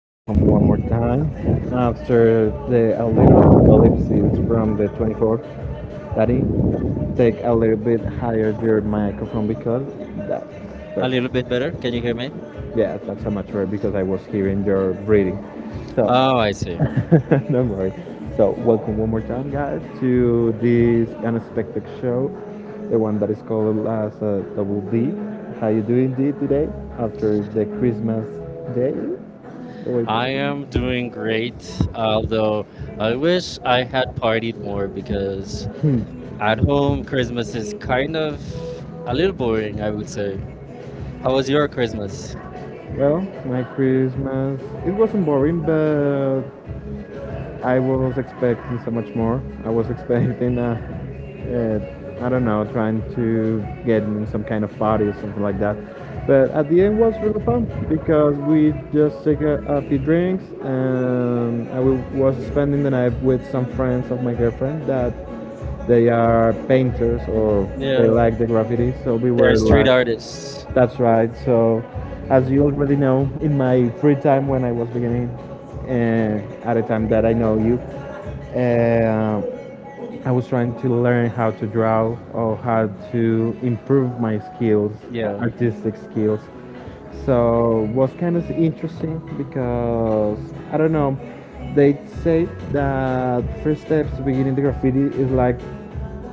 welcome one more time after the a little apocalypse from the 24th. Daddy, take a little bit higher your microphone because that's A perfect. little bit better. Can you hear me? Yeah, that's a much amateur because I was hearing your breathing. So, Oh, I see. no not worry. So, welcome one more time, guys, to this unexpected show, the one that is called as Double D. How you doing, D, today after the Christmas day? The I am way- doing great, although I wish I had partied more because Hmm. at home Christmas is kind of a little boring, I would say. How was your Christmas? Well, my Christmas it wasn't boring, but I was expecting so much more. I was expecting, I don't know, trying to get in some kind of party or something like that. But at the end was really fun because we just take a few drinks, and I was spending the night with some friends of my girlfriend that they are painters or they Yeah. like the graffiti. So we They're were street like artists. that's right. So, as you already know, in my free time when I was beginning, at the time that I know you, uh, I was trying to learn how to draw or how to improve my skills, Yeah. artistic skills. So was kind of interesting because I don't know. They say that first step to beginning the graffiti is like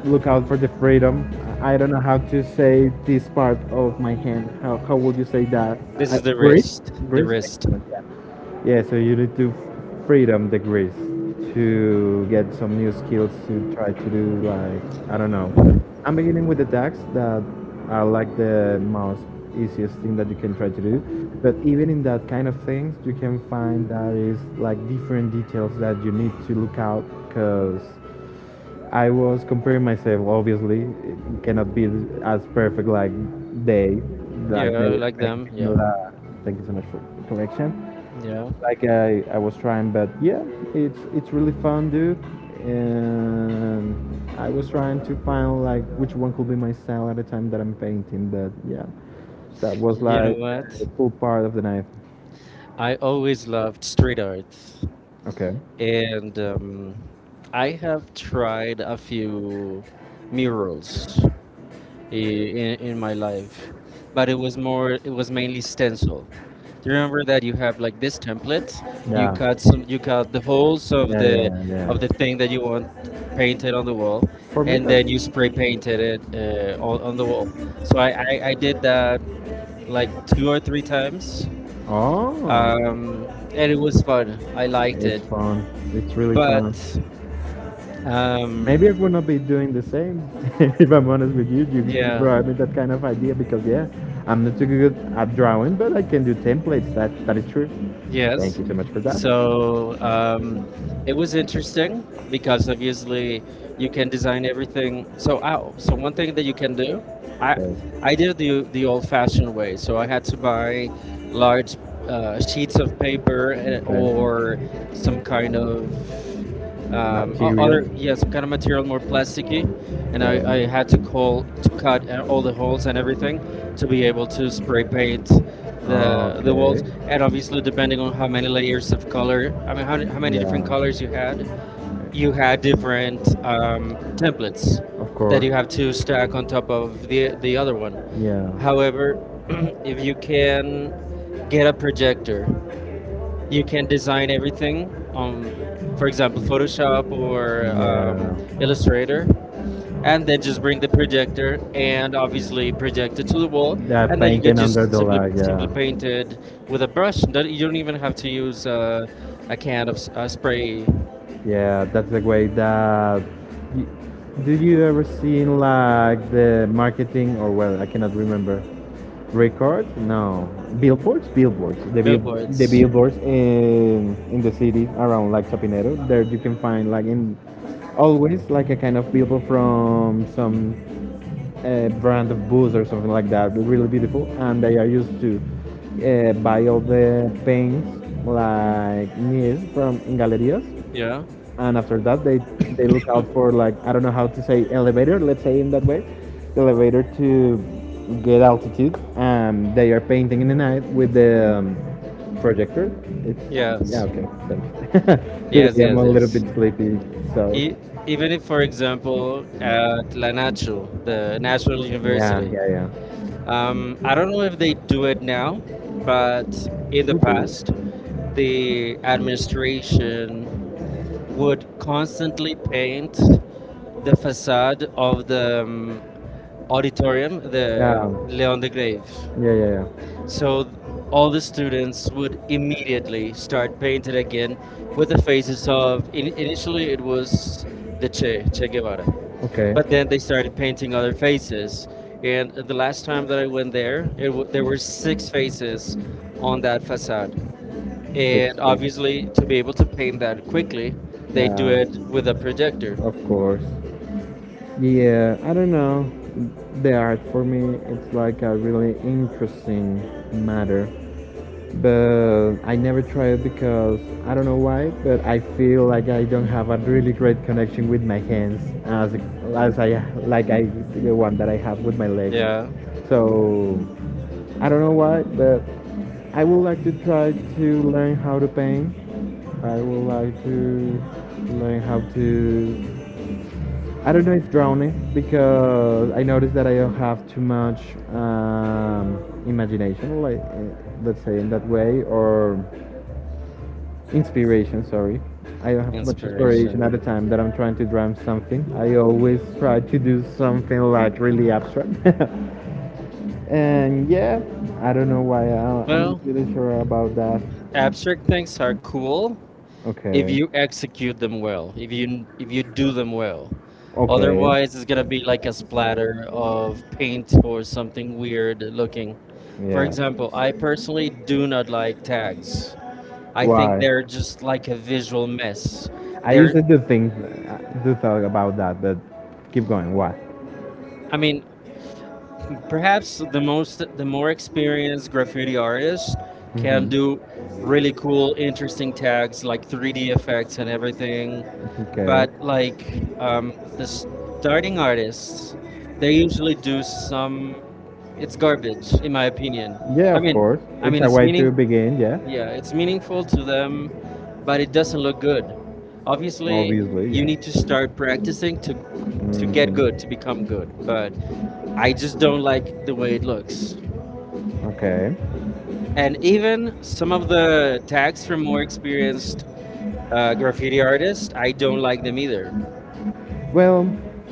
look out for the freedom. I don't know how to say this part of my hand. How would you say that? This I, is the Great. wrist. The Greece? wrist. Excellent, yeah. Yeah, so you need to freedom the Greece to get some new skills to try to do, like, I don't know. I'm beginning with the tags that are like the most easiest thing that you can try to do. But even in that kind of things, you can find that is like different details that you need to look out because I was comparing myself. Obviously, it cannot be as perfect like they, like they Yeah, are like them. painting. Yeah. La, thank you so much for the correction. Yeah. Like I was trying, but yeah, it's really fun, dude. And I was trying to find like which one could be my style at the time that I'm painting. But yeah, that was You know like what? the cool part of the night. I always loved street art. Okay. And I have tried a few murals in my life, but it was mainly stencil. Do you remember that you have like this template? Yeah, You cut the holes of yeah, the yeah, of the yeah. thing that you want painted on the wall, For me, and that then you spray painted it on the wall. So I did that like two or three times, oh, um, and it was fun. I liked it's it, fun. It's really fun. but Um, Maybe I'm gonna be doing the same. If I'm honest with you, you yeah. brought me that kind of idea because yeah, I'm not too good at drawing, but I can do templates. That is true. Thank Yes. you so much for that. So it was interesting because obviously you can design everything. So one thing that you can do, I I did Okay. it the old-fashioned way. So I had to buy large sheets of paper or Okay some kind of material. other, yeah, some kind of material more plasticky, and I had to call to cut all the holes and everything to be able to spray paint the walls, Okay. Okay. and obviously depending on how many layers of color, I mean how many different colors you Yeah. had, you had different templates Of that course. you have to stack on top of the other one. Yeah However, if you can get a projector, you can design everything on, for example, Photoshop or Illustrator, and then just bring the projector and obviously project it to the wall, and then you can painting under just the simply light. simply Yeah. paint it with a brush. You don't even have to use a can of spray. Yeah, that's the way that. You, do you ever seen like the marketing or well, I cannot remember. Record? No, billboards. The bill, the Billboards. billboards in the city around like Chapinero. There you can find like in always like a kind of billboard from some brand of booze or something like that. They're really beautiful, and they are used to buy all the paints like near from in galerias, Yeah. and after that they look out for like I don't know how to say elevator. Let's say in that way, elevator to get altitude. And they are painting in the night with the projector. It's yeah Yes. okay thanks. Yes. Today I'm Yes. a little bit Yes. sleepy so. E- Even if, for example, at La Nacho, the National Yeah, University. yeah, yeah. I don't know if they do it now, but in the past, the administration would constantly paint the facade of the auditorium, the Leon de Grave. Yeah, yeah, yeah. So all the students would immediately start painting again with the faces of, initially it was the Che Guevara, but then they started painting other faces. And the last time that I went there, there were six faces on that facade. And obviously, to be able to paint that quickly, they do it with a projector. Of course. Yeah, I don't know. The art for me, it's like a really interesting matter. But I never try it because I don't know why, but I feel like I don't have a really great connection with my hands as I like I the one that I have with my legs. Yeah, So I don't know why, but I would like to try to learn how to paint. I would like to learn how to I don't know if drowning because I noticed that I don't have too much imagination, like let's say in that way, or inspiration. Sorry, I don't have too much inspiration. inspiration at the time that I'm trying to drown something. I always try to do something like really abstract, and yeah, I don't know why I'm Well, not really sure about that. abstract things are cool, if you execute them well, if you do them well. Otherwise, it's gonna be like a splatter of paint or something weird looking. For example, I personally do not like tags. I think I they're just like a visual mess. They're, to do think, do thought about that, but keep going. What? I mean, perhaps the more experienced graffiti artists can do really cool, interesting tags like 3D effects and everything, but like the starting artists, they usually do some. It's garbage, in my opinion. I mean, it's meaning. Begin, yeah. Yeah, it's meaningful to them, but it doesn't look good. Obviously, you need to start practicing to get good, to become Mhm. good. But I just don't like the way it looks. Okay. And even some of the tags from more experienced graffiti artists, I don't like them either. Well,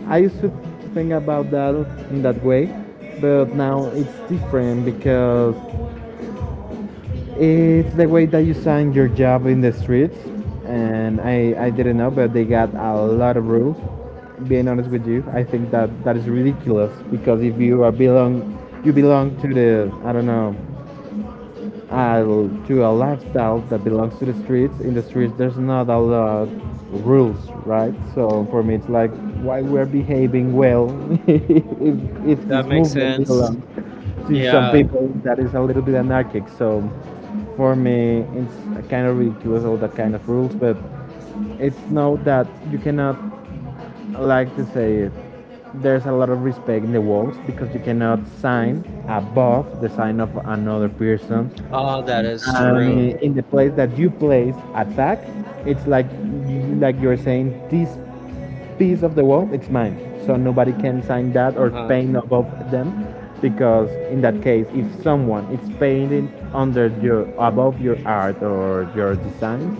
I used to think about that in that way, but now it's different because it's the way that you sign your job in the streets, and I didn't know, but they got a lot of rules. Being honest with you, I think that that is ridiculous because if you are belong, you belong to the I don't know I'll do a lifestyle that belongs to the streets. In the streets, there's not a lot of rules, right? So for me, it's like why we're behaving well if, if That this makes movement sense. belongs to some Yeah. people that is a little bit anarchic. So for me, it's kind of ridiculous all that kind of rules, but it's know that you cannot like to say it. There's a lot of respect in the walls because you cannot sign above the sign of another person. Oh, that is And true. in the place that you place attack, it's like you're saying this piece of the wall, it's mine. So nobody can sign that or Uh-huh. paint above them because in that case if someone is painting under your above your art or your designs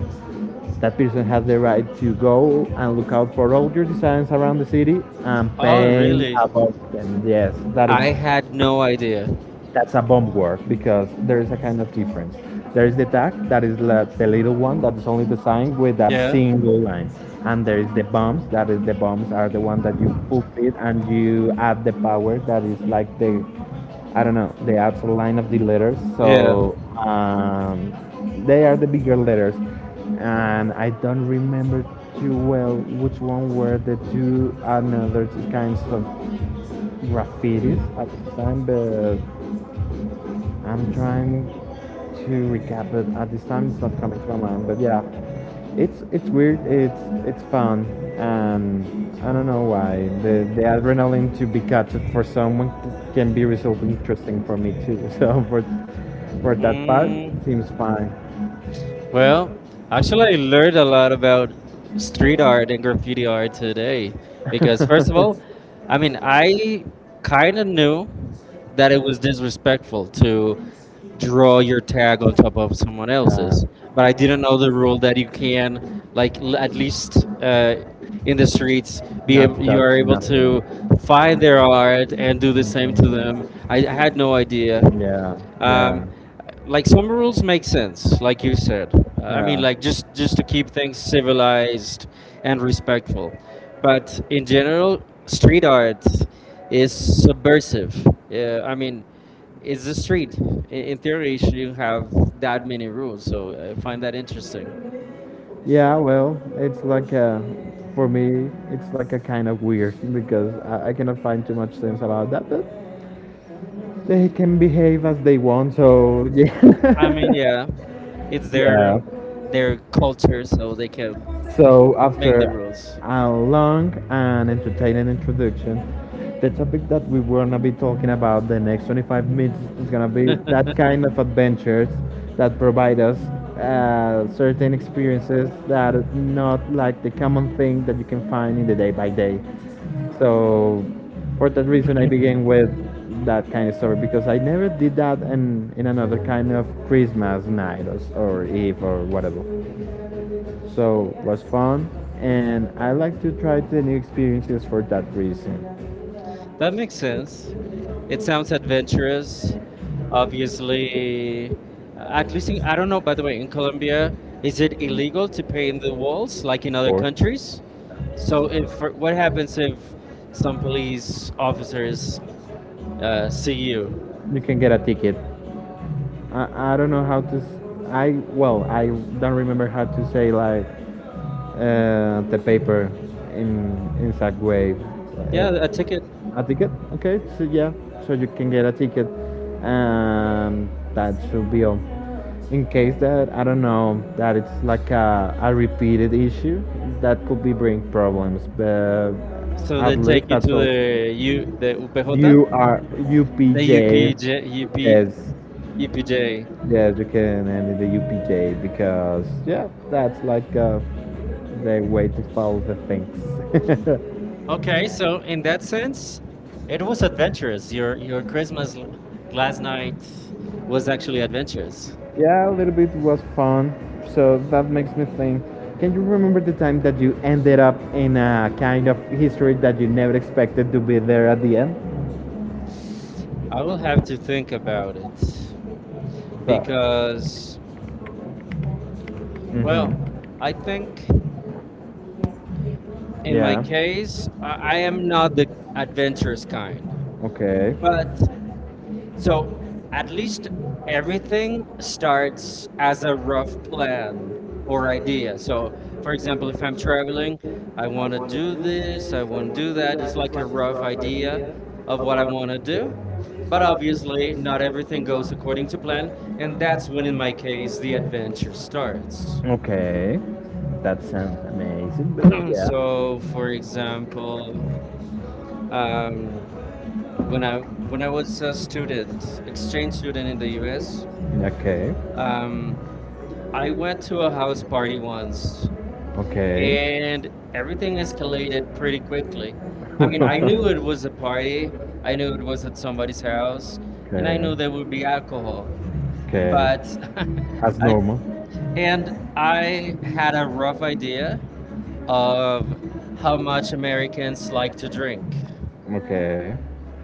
that person has the right to go and look out for all your designs around the city and Oh, paint really? above them yes that I is. had no idea. That's a bomb word because there is a kind of difference. There is the tag that is la- the little one that is only designed with a Yeah, single line, and there is the bombs that is the bombs are the one that you fulfill and you add the power that is like the I don't know the outside line of the letters. yeah. So they are the bigger letters, and I don't remember too well which one were the two another kinds of graffitis at the time, but I'm trying to recap it at this time. It's not coming to my mind, but yeah, it's weird. It's fun, and I don't know why the adrenaline to be captured for someone can be resulting interesting for me too. So for that part, seems Mm, fine. well, actually, I learned a lot about street art and graffiti art today because, first of all, I mean, I kind of knew that it was disrespectful to draw your tag on top of someone else's. But I didn't know the rule that you can, like, at least in the streets, you are able to find their art and do the same to them. I had no idea. Yeah, Um, like some rules make sense, like you said. I mean, like just to keep things civilized and respectful. But in general, street art is subversive. Yeah, I mean, it's the street. In theory, you shouldn't have that many rules. So I find that interesting. yeah, well, it's like a, for me, it's like a kind of weird because I cannot find too much sense about that, but they can behave as they want, so yeah. I mean, yeah, it's their Yeah. their culture, so they can So, make the after rules. a long and entertaining introduction, the topic that we were gonna be talking about the next 25 minutes is gonna be that kind of adventures that provide us certain experiences that are not like the common thing that you can find in the day by day. So for that reason, I began with that kind of story because I never did that in another kind of Christmas night or Eve or whatever. So it was fun, and I like to try the new experiences for that reason. That makes sense. It sounds adventurous. Obviously. I don't know. By the way, in Colombia, is it illegal to paint the walls like in Of other course, countries? So, if what happens if some police officers see you? you can get a ticket. I don't know how to I well I don't remember how to say like the paper in exact way. Yeah, a ticket. A ticket? Okay, so yeah, so you can get a ticket, and that should be all. In case that I don't know that it's like a repeated issue, that could be bring problems. But So they at least take you that's to all. the U the UPJ, You are the UPJ. UPJ, UP, Yes, UPJ. yeah, you can end in the UPJ because yeah, that's like the way to follow the things. Okay, so in that sense, it was adventurous. Your Christmas last night was actually adventurous. Yeah, a little bit was fun. So that makes me think. Can you remember the time that you ended up in a kind of history that you never expected to be there at the end? I will have to think about it So, because, mhm. well, I think in my Yeah. case, I am not the adventurous kind. Okay. But So at least everything starts as a rough plan or idea. So, for example, if I'm traveling, I want to do this, I want to do that. It's like a rough idea of what I want to do. But obviously, not everything goes according to plan. And that's when, in my case, the adventure starts. Okay, that sounds amazing, but yeah. So, for example, um, when I was a student, exchange student in the U.S., Okay, I went to a house party once okay. and everything escalated pretty quickly. I mean, I knew it was a party, I knew it was at somebody's house, and I knew there would be Okay, alcohol. okay. But As I normal. and I had a rough idea of how much Americans like to drink. Okay,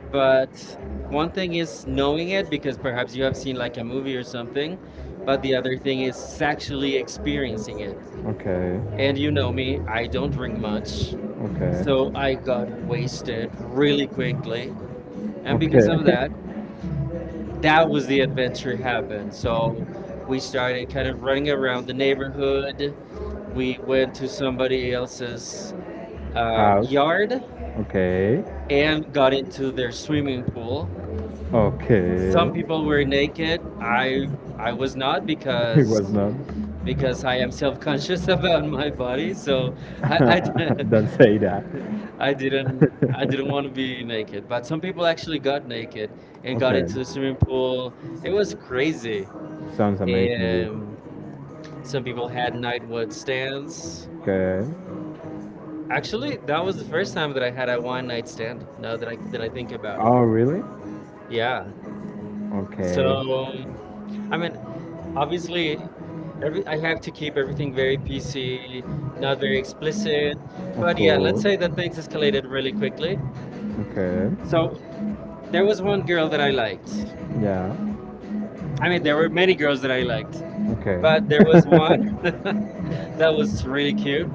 But one thing is knowing it because perhaps you have seen like a movie or something, but the other thing is actually experiencing it. okay, And you know me, I don't drink much. okay, So I got wasted really quickly. And because okay. of that, that was the adventure happened. So we started kind of running around the neighborhood. We went to somebody else's yard Okay. and got into their swimming pool. Okay. Some people were naked. I was not because Not. I am self-conscious about my body. So I, I d- Don't say that. I didn't want to be naked, but some people actually got naked and got into the swimming pool. It was crazy. Sounds And some people had night one stands. Okay. Actually, that was the first time that I had a one night stand, now that I think about it. Oh, it. Really? Yeah. So I mean, obviously every I have to keep everything very PC, not very explicit. But yeah, let's Course. say that things escalated really quickly. Okay. So there was one girl that I liked. Yeah. I mean, there were many girls that I liked, Okay. but there was one that was really cute,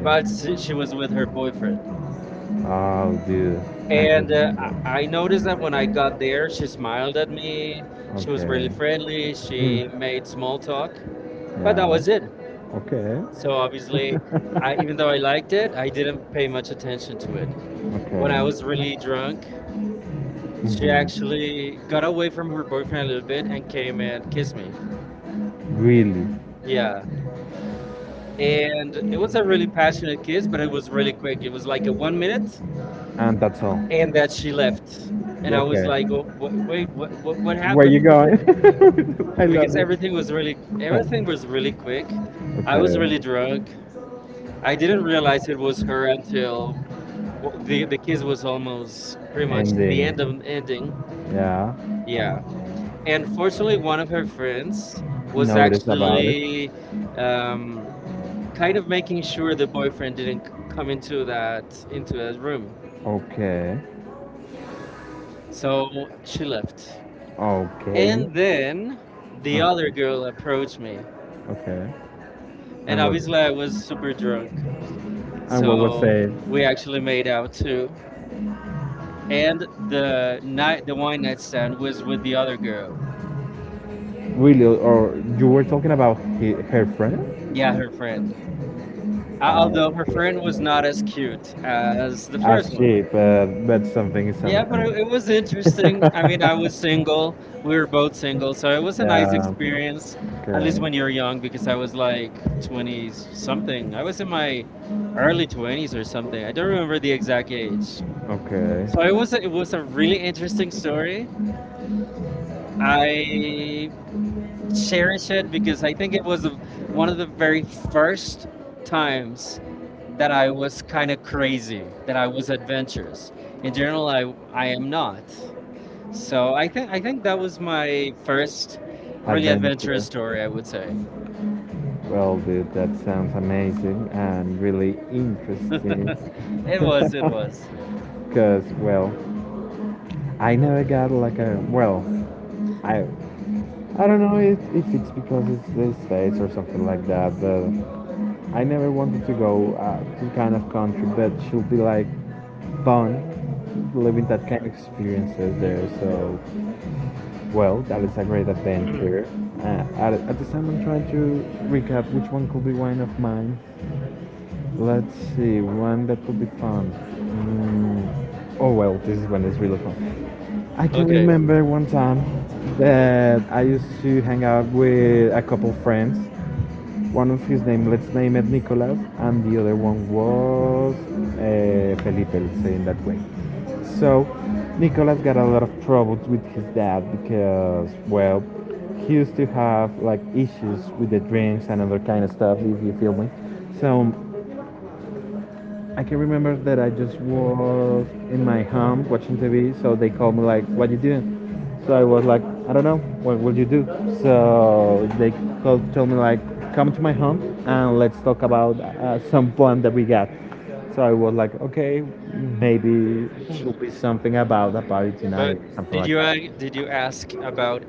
but she she was with her boyfriend. Oh, dude. I And I noticed that. that when I got there, she smiled at me. She was really friendly. Mm. She made small talk, but that was it. Okay. So obviously, I, even though I liked it, I didn't pay much attention to it. When I was really Okay. drunk, she actually got away from her boyfriend a little bit and came and kissed me. Really. Yeah, and it was a really passionate kiss, but it was really quick. It was like a 1 minute, And that's all. and that she left, and I was like, Wait, what? What happened?" You going? Because everything was really quick. I was really Okay. drunk. I didn't realize it was her until, well, the kiss was almost pretty much the end of ending. Yeah. Yeah, and fortunately, one of her friends was It. actually. Um, Kind of making sure the boyfriend didn't come into that room. Okay. So she left. Okay. And then the Uh, other girl approached me. okay. And obviously, I And was super drunk. So we actually made out too. And the wine night stand was with the other girl. really? Or you were talking about her friend? Yeah, her friend. Although her friend was not as cute as the first one. She, but something is Yeah, but it was interesting. I mean, I was single. We were both single, so it was a nice experience. At least when I you're young, because I was like 20 something. I was in my early 20s or something. I don't remember the exact age. okay. So it was a really interesting story. I cherish it because I think it was one of the very first times that I was kind of crazy, that I was adventurous. In general, I am not. So I think that was my first really adventurous story. I would say Well, dude, that sounds amazing and really interesting. it was. It was. Because, well, I never got like a, well, I I don't know if it's because it's the States or something like that, but I never wanted to go to kind of country, but she'll be like fun living that kind Right. of experiences there. So, well, that is a great adventure. At the time, I'm trying to recap which one could be one of mine. Let's see, one that would be fun. Oh well, this is one that's really fun. I can Okay. remember one time that I used to hang out with a couple friends. One of his name, let's name it Nicolas, and the other one was Felipe, let's say in that way. So Nicolas got a lot of troubles with his dad because, well, he used to have like issues with the drinks and other kind of stuff, if you feel me. So I can remember that I just was in my home watching TV, so they called me like, "What you doing?" So I was like, "I don't know. What will you do?" So they called, told me like, "Come to my home and let's talk about some plan that we got." So I was like, "Okay, maybe it Mm. should be something about a party But tonight, something did like that." Did you ask about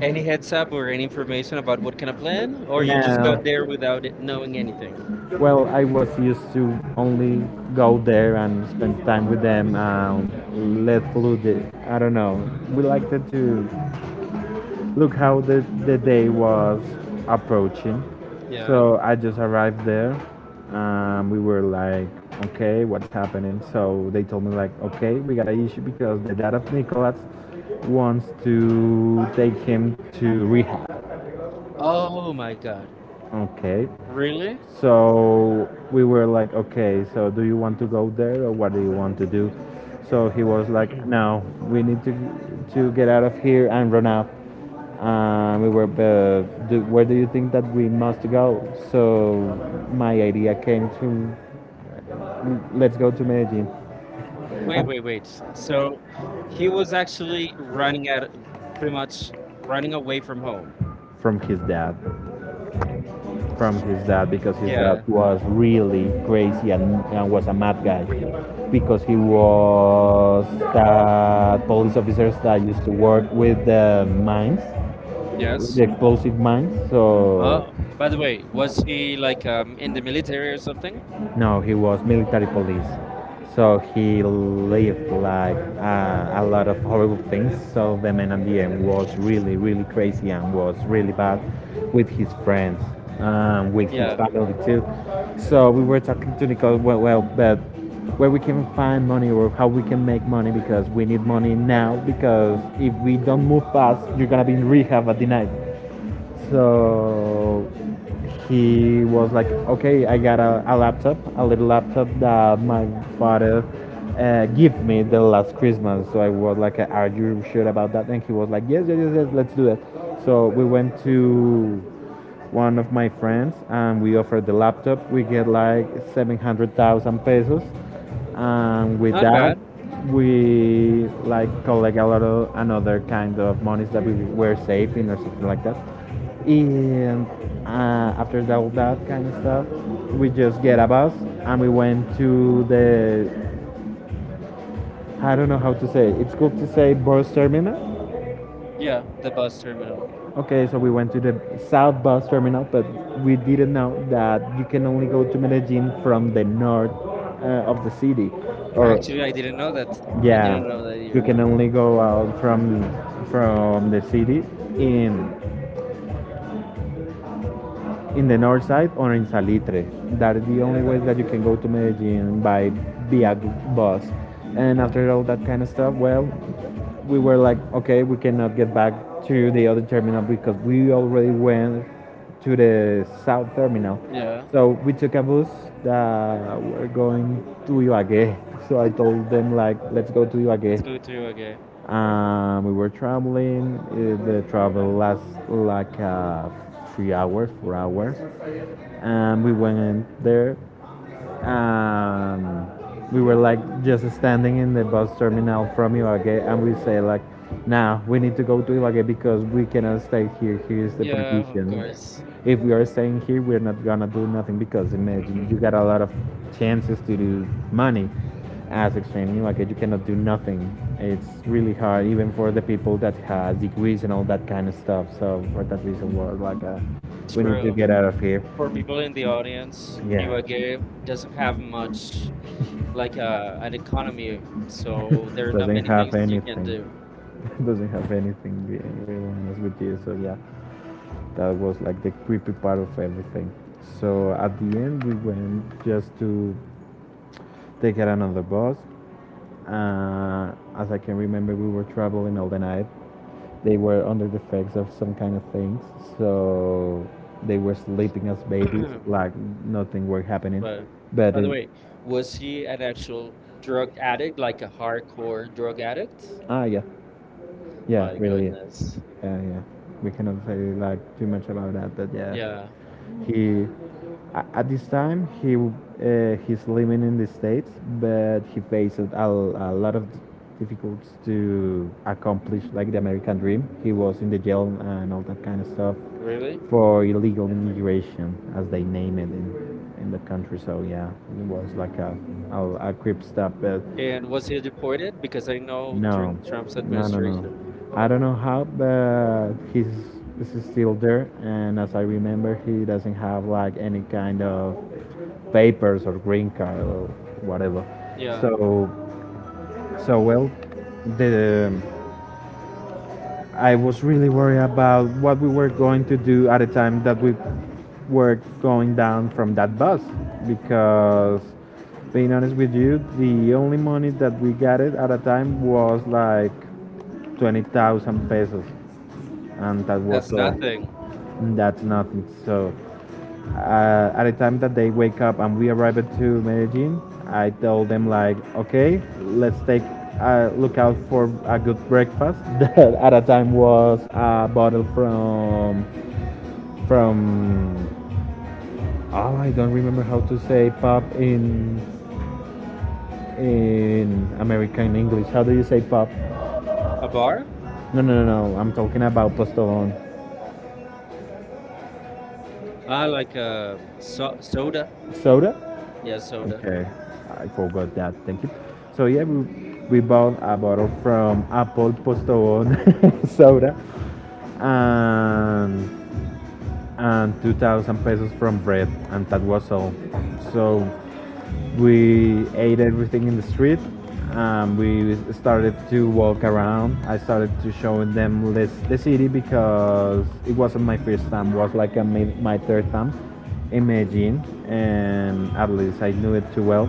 any heads up or any information about what kind of plan, or you just No, got there without it knowing anything? well, I was used to only go there and spend time with them and let flew the, I don't know. We liked it to look how the day was approaching. Yeah. So I just arrived there. We were like, okay, what's happening? So they told me like, okay, we got an issue because the dad of Nicholas wants to take him to rehab. Oh my God. Okay, Really? so we were like, okay, so do you want to go there or what do you want to do? So he was like, no, we need to get out of here and run up. We were, do, where do you think that we must go? So my idea came to let's go to Medellin. Wait, wait, wait. So he was actually running at pretty much running away from home. From his dad, from his dad because his dad Yeah. was really crazy and was a mad guy because he was the police officers that used to work with the mines, the Yes. explosive mines. So Oh, by the way, was he like in the military or something? no, he was military police. So he lived like a lot of horrible things. So the man at the end was really, really crazy and was really bad with his friends, with his Yeah, family too. So we were talking to Nicole. Well, but where we can find money or how we can make money because we need money now because if we don't move fast, you're gonna be in rehab at the night. So he was like, okay, I got a laptop, a little laptop that my father gave me the last Christmas. So I was like, are you sure about that? And he was like, yes, yes, yes, yes, let's do it. So we went to one of my friends and we offered the laptop. We get like 700,000 pesos, and with not that bad. we like collect a lot of another kind of monies that we were saving or something like that, and after that, all that kind of stuff, we just get a bus and we went to the, I don't know how to say it. It's cool to say bus terminal. Yeah, the bus terminal. Okay, so we went to the south bus terminal, but we didn't know that you can only go to Medellin from the north of the city, or Actually, I didn't know that. I yeah, didn't know that you either. can only go out from the city in in the north side or in Salitre. That is the only way that you can go to Medellin by via bus. And after all that kind of stuff, well, we were like, okay, we cannot get back to the other terminal because we already went to the south terminal. Yeah, So we took a bus that we're going to Ibagué. So I told them like, let's go to let's Ibagué. go to Ibagué. We were traveling. The travel lasts like 3 hours, 4 hours. And we went there, um, we were like just standing in the bus terminal from Ibagué, and we say like, "Nah, we need to go to Ibagué because we cannot stay here. Here's the Yeah, of provision. course. If we are staying here, we're not gonna do nothing because imagine you got a lot of chances to do money as exchange in Ibagué. You cannot do nothing. It's really hard, even for the people that has degrees and all that kind of stuff. So for that reason, we're like, we need to True. get out of here." For people in the audience, Yeah. Ibagué doesn't have much like an economy, so there are not Doesn't are many have things you can anything. do. Do. Doesn't have anything, be real honest with you, so yeah, that was like the creepy part of everything. So at the end we went just to take out another bus, uh, as I can remember. We were traveling all the night. They were under the effects of some kind of things, so they were sleeping as babies, like nothing were happening. But But by the it. way, was he an actual drug addict, like a hardcore drug addict? Ah, yeah, yeah, My really is. goodness. Yeah, yeah. We cannot say like too much about that, but yeah, Yeah, he at this time he's living in the states, but he faces a lot of difficult to accomplish like the American dream. He was in the jail and all that kind of stuff really? for illegal immigration, as they name it in the country. So yeah, it was like a creep step, but And was he deported? Because I know no, during Trump's no, no, administration. no. I don't know how, but he's this is still there, and as I remember, he doesn't have like any kind of papers or green card or whatever. Yeah, So so well, the I was really worried about what we were going to do at the time that we were going down from that bus because being honest with you, the only money that we got it at a time was like 20,000 pesos and that was that's all. Nothing. nothing. That's nothing. So, at the time that they wake up and we arrived to Medellin, I told them like, okay, let's take a look out for a good breakfast. That at a time was a bottle from oh, I don't remember how to say pop in American English. How do you say pop? A bar? No, no, no, no. I'm talking about Postolón. Ah, like soda. Soda? Yeah, soda. Okay, I forgot that. Thank you. So yeah, we bought a bottle from Apple Postobon soda and and 2,000 pesos from bread, and that was all. So we ate everything in the street. We started to walk around. I started to show them this, the city because it wasn't my first time. It was like my third time in Medellin, and at least I knew it too well.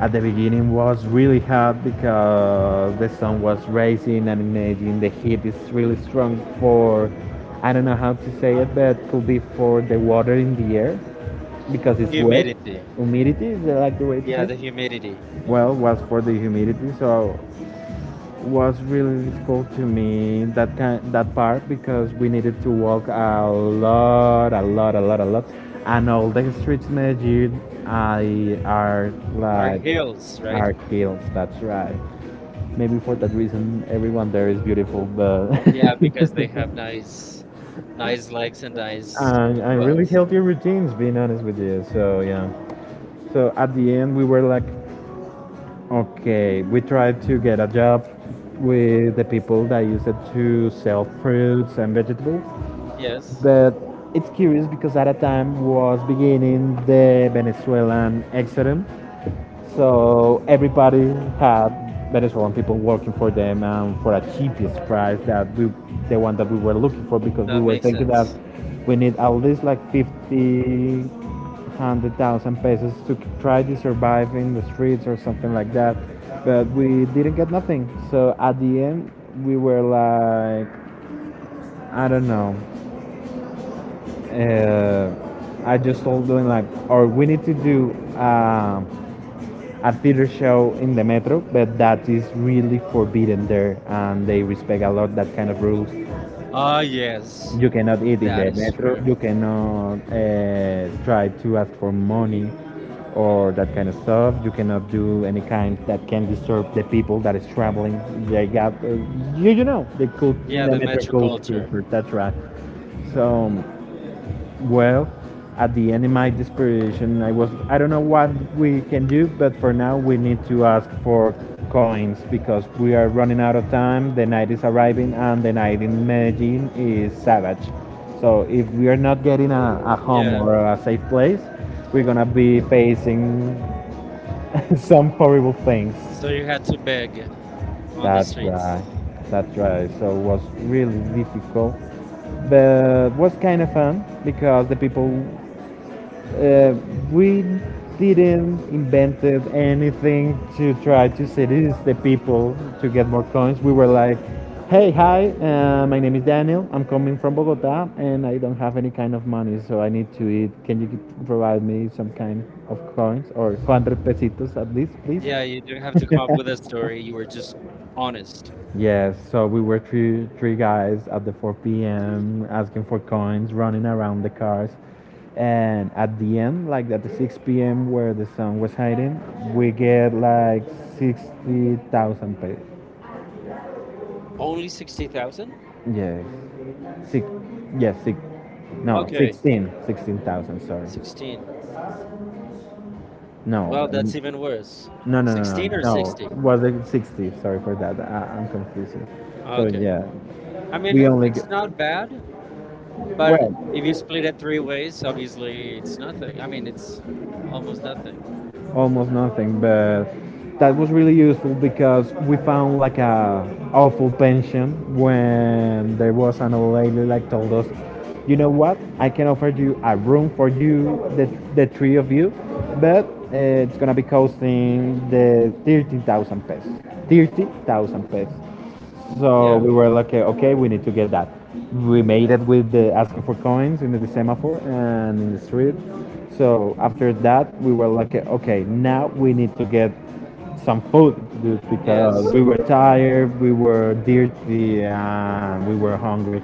At the beginning was really hard because the sun was rising and imagine the heat is really strong for I don't know how to say it, but could be for the water in the air because it's wet. Humidity. Humidity, is that like the way to Yeah, say? the Yes. humidity. Well, was for the humidity, so was really difficult to me that kind that part because we needed to walk a lot, a lot, a lot, a lot, and all the streets in Medellin I are Our like hills, right? are hills. That's right. Maybe for that reason, everyone there is beautiful, but. Yeah, because they have nice, nice legs and nice And really butt. healthy routines, being honest with you, so yeah, so at the end we were like, okay, we tried to get a job with the people that use it to sell fruits and vegetables. Yes, But it's curious because at a time was beginning the Venezuelan exodus, so everybody had Venezuelan people working for them and for a cheapest price that we, the one that we were looking for, because we that were makes thinking that sense. we need at least like fifty hundred thousand pesos to try to survive in the streets or something like that. But we didn't get nothing. So at the end, we were like, I don't know. Uh, I just told them like, or we need to do, um a theater show in the metro, but that is really forbidden there, and they respect a lot that kind of rules. Ah, yes, You cannot eat in that the is metro. true. You cannot try to ask for money or that kind of stuff. You cannot do any kind that can disturb the people that is traveling. They hmm got you know the cult, yeah, Yeah, the the metro metro cult culture. culture. That's right. So well, at the end of my desperation, I don't know what we can do, but for now we need to ask for coins because we are running out of time. The night is arriving, and the night in Medellin is savage. So if we are not getting a home Yeah, or a safe place, we're gonna be facing some horrible things. so you had to beg. On the That's streets. right. That's right. So it was really difficult, but was kind of fun because the people uh, we didn't invented anything to try to seduce the people to get more coins. We were like, hey, hi, my name is Daniel. I'm coming from Bogota and I don't have any kind of money, so I need to eat. Can you provide me some kind of coins or 100 pesitos at least, please? Yeah, you didn't have to come up with a story. You were just honest. Yes, so we were three guys at the 4 p.m. asking for coins, running around the cars, and at the end, like at the 6 p.m. where the sun was hiding, we get like 60,000 pesos. Only 60,000? Yes, six. Yes, six. No, Okay, 16, 16,000. Sorry. 16. No, Well, that's even worse. no, no, no, 16 no. or No, 60? was it 60? Sorry for that. I'm confusing. So Okay. yeah, I mean, we only. Get, it's not bad, but well, if you split it three ways, obviously it's nothing. I mean, it's almost nothing. almost nothing, but that was really useful because we found like a awful pension when there was an old lady like told us, you know what, I can offer you a room for you, the three of you, but it's gonna be costing the 30,000 pesos. 30,000 pesos. So Yeah, we were like, okay, we need to get that. We made it with the asking for coins in the semaphore and in the street. So after that, we were like, okay, now we need to get some food, dude, because yes. we were tired, we were dirty, and we were hungry.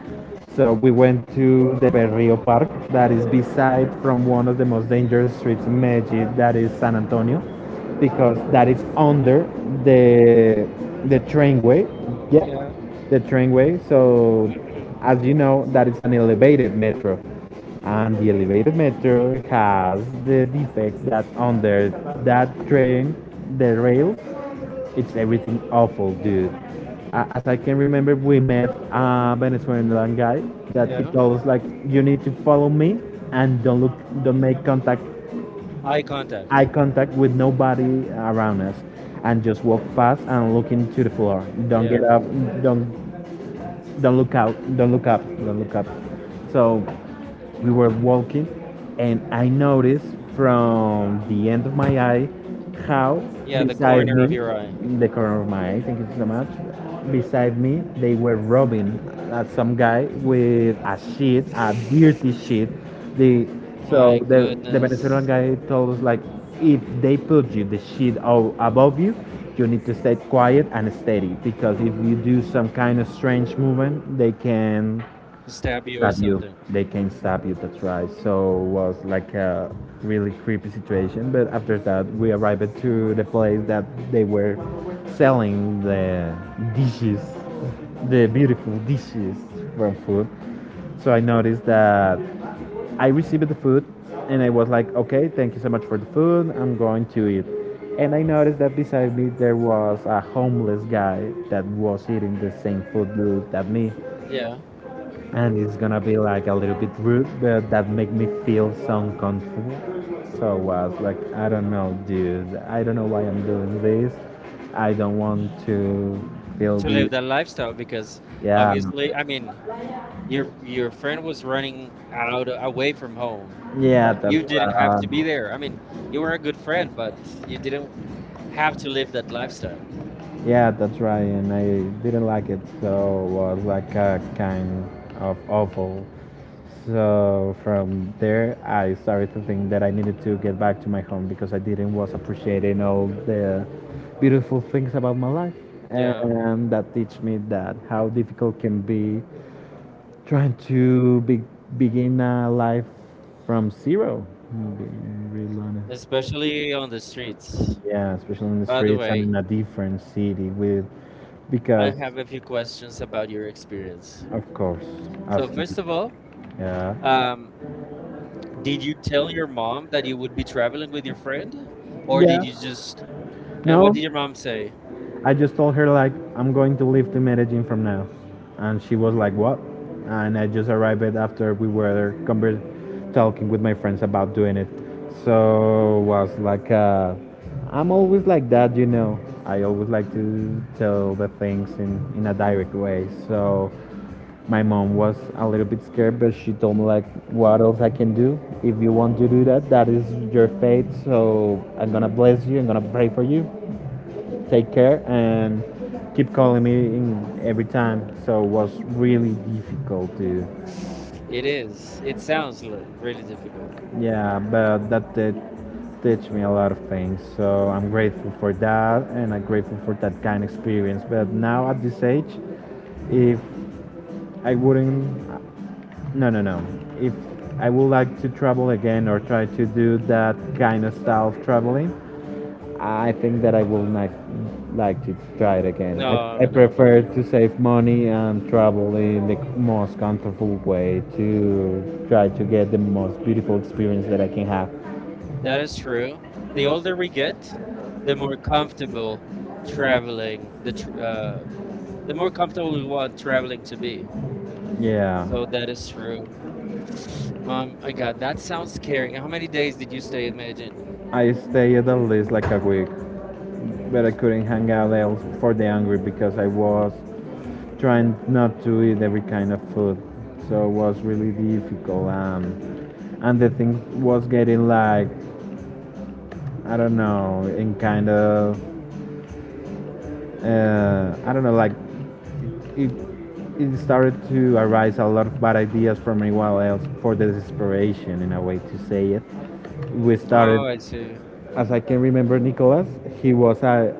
So we went to the Berrio Park, that is beside from one of the most dangerous streets in Medellin, that is San Antonio, because that is under the the trainway. Yeah, Yeah, the trainway. So, as you know, that is an elevated metro, and the elevated metro has the defect that under that train, the rails, it's everything awful, dude. As I can remember, we met a Venezuelan guy that he yeah. told us like, "You need to follow me and don't look, don't make contact Eye eye contact. contact with nobody around us, and just walk fast and look into the floor. Don't get Yeah. up. Don't don't look out. Don't look up. Don't look up." So we were walking, and I noticed from the end of my eye how, Yeah, the beside corner of me, your eye. in the corner of my eye, thank you so much, beside me, they were robbing some guy with a sheet, a dirty sheet. The so My the Venezuelan goodness. guy told us like, if they put you the sheet above you, you need to stay quiet and steady, because if you do some kind of strange movement, they can Stab you or stab you. something. They can stab you. That's right. So it was like a really creepy situation. But after that, we arrived to the place that they were selling the dishes, the beautiful dishes from food. So I noticed that I received the food, and I was like, okay, thank you so much for the food. I'm going to eat. And I noticed that beside me there was a homeless guy that was eating the same food that me, Yeah. and it's gonna be like a little bit rude, but that make me feel so uncomfortable. So I was like, I don't know, dude. I don't know why I'm doing this. I don't want to feel To the. live that lifestyle because Yeah, obviously, I mean, your friend was running out away from home, yeah. but you That's didn't have right. to be there. I mean, you were a good friend, but you didn't have to live that lifestyle. Yeah, that's right. And I didn't like it, so it was like a kind of awful. So from there, I started to think that I needed to get back to my home because I didn't was appreciating all the beautiful things about my life, Yeah, and that teach me that how difficult can be trying to begin a life from zero. I'm being real honest. especially on the streets. Yeah, especially in the By the streets and way, in a different city with, I because have a few questions about your experience. of course. So So first of all, yeah. um, did you tell your mom that you would be traveling with your friend, or did you just? And what No, did your mom say? I just told her like, I'm going to leave to Medellin from now, and she was like, "What?" And I just arrived it after we were talking with my friends about doing it. So was like, I'm always like that. I always like to tell the things in a direct way. So my mom was a little bit scared, but she told me like, "What else I can do? If you want to do that, that is your fate. So I'm gonna bless you. I'm gonna pray for you. Take care, and keep calling me in every time." So it was really difficult to, It is. It sounds really difficult. yeah. But that did teach me a lot of things. So I'm grateful for that, and I'm grateful for that kind of experience. But now at this age, if I wouldn't. No, no, no. If I would like to travel again or try to do that kind of style of traveling, I think that I will not like to try it again. I No, no, no, prefer to no. save money and travel in the most comfortable way to try to get the most beautiful experience that I can have. That is true. The older we get, the more comfortable traveling, the more comfortable we want traveling to be. Yeah. So that is true. Mom, I got that sounds scary. How many days did you stay in Medellin? I stayed at least like a week, but I couldn't hang out else for the angry, because I was trying not to eat every kind of food, so it was really difficult, and the thing was getting like, I don't know, in kind of, I don't know, like it it started to arise a lot of bad ideas from anyone else for the desperation, in a way to say it. We started, Oh, I see. as I can remember, Nicolas, he was a,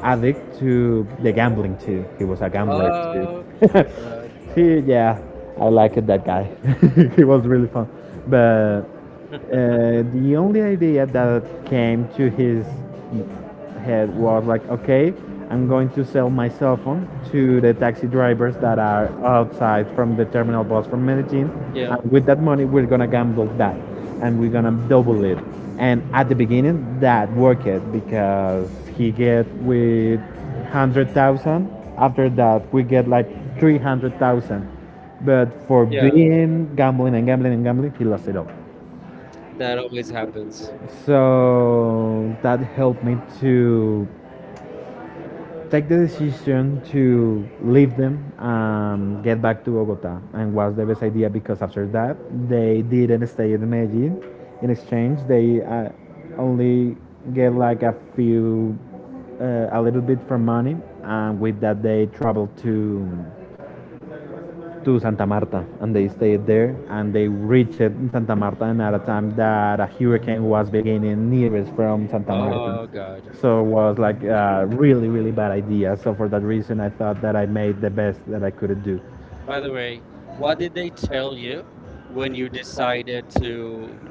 a addict to the gambling too. He was a gambler too. Oh my God. He, yeah, I liked that guy. He was really fun. But the only idea that came to his head was like, okay, I'm going to sell my cell phone to the taxi drivers that are outside from the terminal bus from Medellin. Yeah. Yeah, And with that money, we're going to gamble that, and we're going to double it. And at the beginning, that worked, because he get with 100,000. After that, we get like 300,000. But for, yeah, yeah. being gambling and gambling and gambling, he lost it all. That always happens. So that helped me to take the decision to leave them and get back to Bogota, and was the best idea, because after that they didn't stay in Medellin. In exchange, they only get like a few, a little bit from money, and with that they traveled to Santa Marta, and they stayed there, and they reached Santa Marta and at a time that a hurricane was beginning nearest from Santa Marta. Oh God. So it was like a really, really bad idea. So for that reason, I thought that I made the best that I could do. By the way, what did they tell you when you decided to,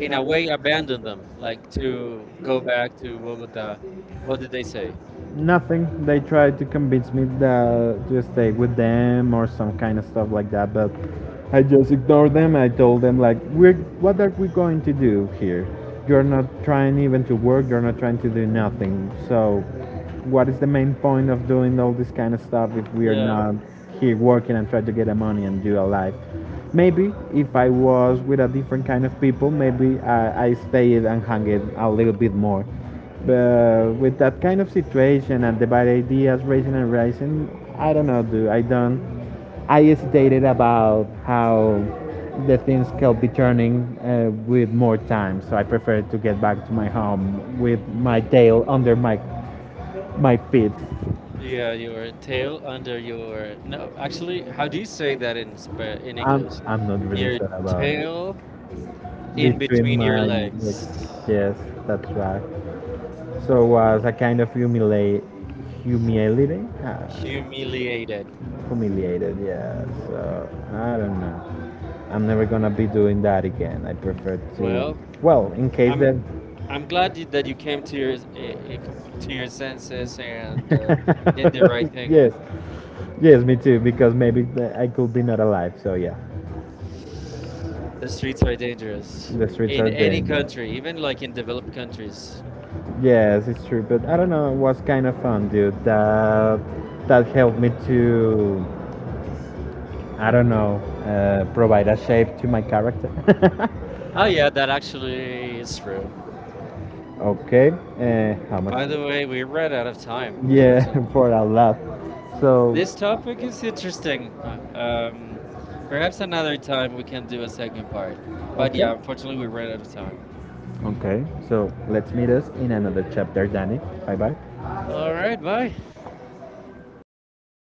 in a way abandoned them, like to go back to Bogota. What did they say? Nothing. They tried to convince me that to stay with them or some kind of stuff like that, but I just ignored them. I told them like, "We're What are we going to do here? You're not trying even to work. You're not trying to do nothing. So, what is the main point of doing all this kind of stuff if we are Yeah. not here working and try to get a money and do a life?" Maybe if I was with a different kind of people, maybe I stayed and hung it a little bit more, but with that kind of situation and the bad ideas rising and rising, I don't know, dude. I don't. I hesitated about how the things could be turning, with more time, so I preferred to get back to my home with my tail under my feet. Yeah, your tail under your no. Actually, how do you say that in in I'm English? I'm not really Your sure about it. tail in Between between your my legs. legs. Yes, that's right. So was a kind of humiliating, Humiliated. humiliated. Yeah. So I don't know. I'm never gonna be doing that again. I prefer to. Well, Well, in case I'm that. I'm glad that you came to your s- I- com- to your senses and did the right thing. Yes. Yes, me too. Because maybe I could be not alive. So yeah. The streets are dangerous The streets in are any dangerous. country, even like in developed countries. Yes, it's true, but I don't know. It was kind of fun, dude. That helped me to, I don't know, provide a shape to my character. Oh yeah, that actually is true. Okay, how By much? the way, we ran out of time, Yeah, unfortunately. for a lot. So, This topic is interesting. Um, perhaps another time we can do a second part. But okay. yeah, unfortunately, we ran out of time. Okay, so let's meet us in another chapter, Danny. Bye bye. All right, bye.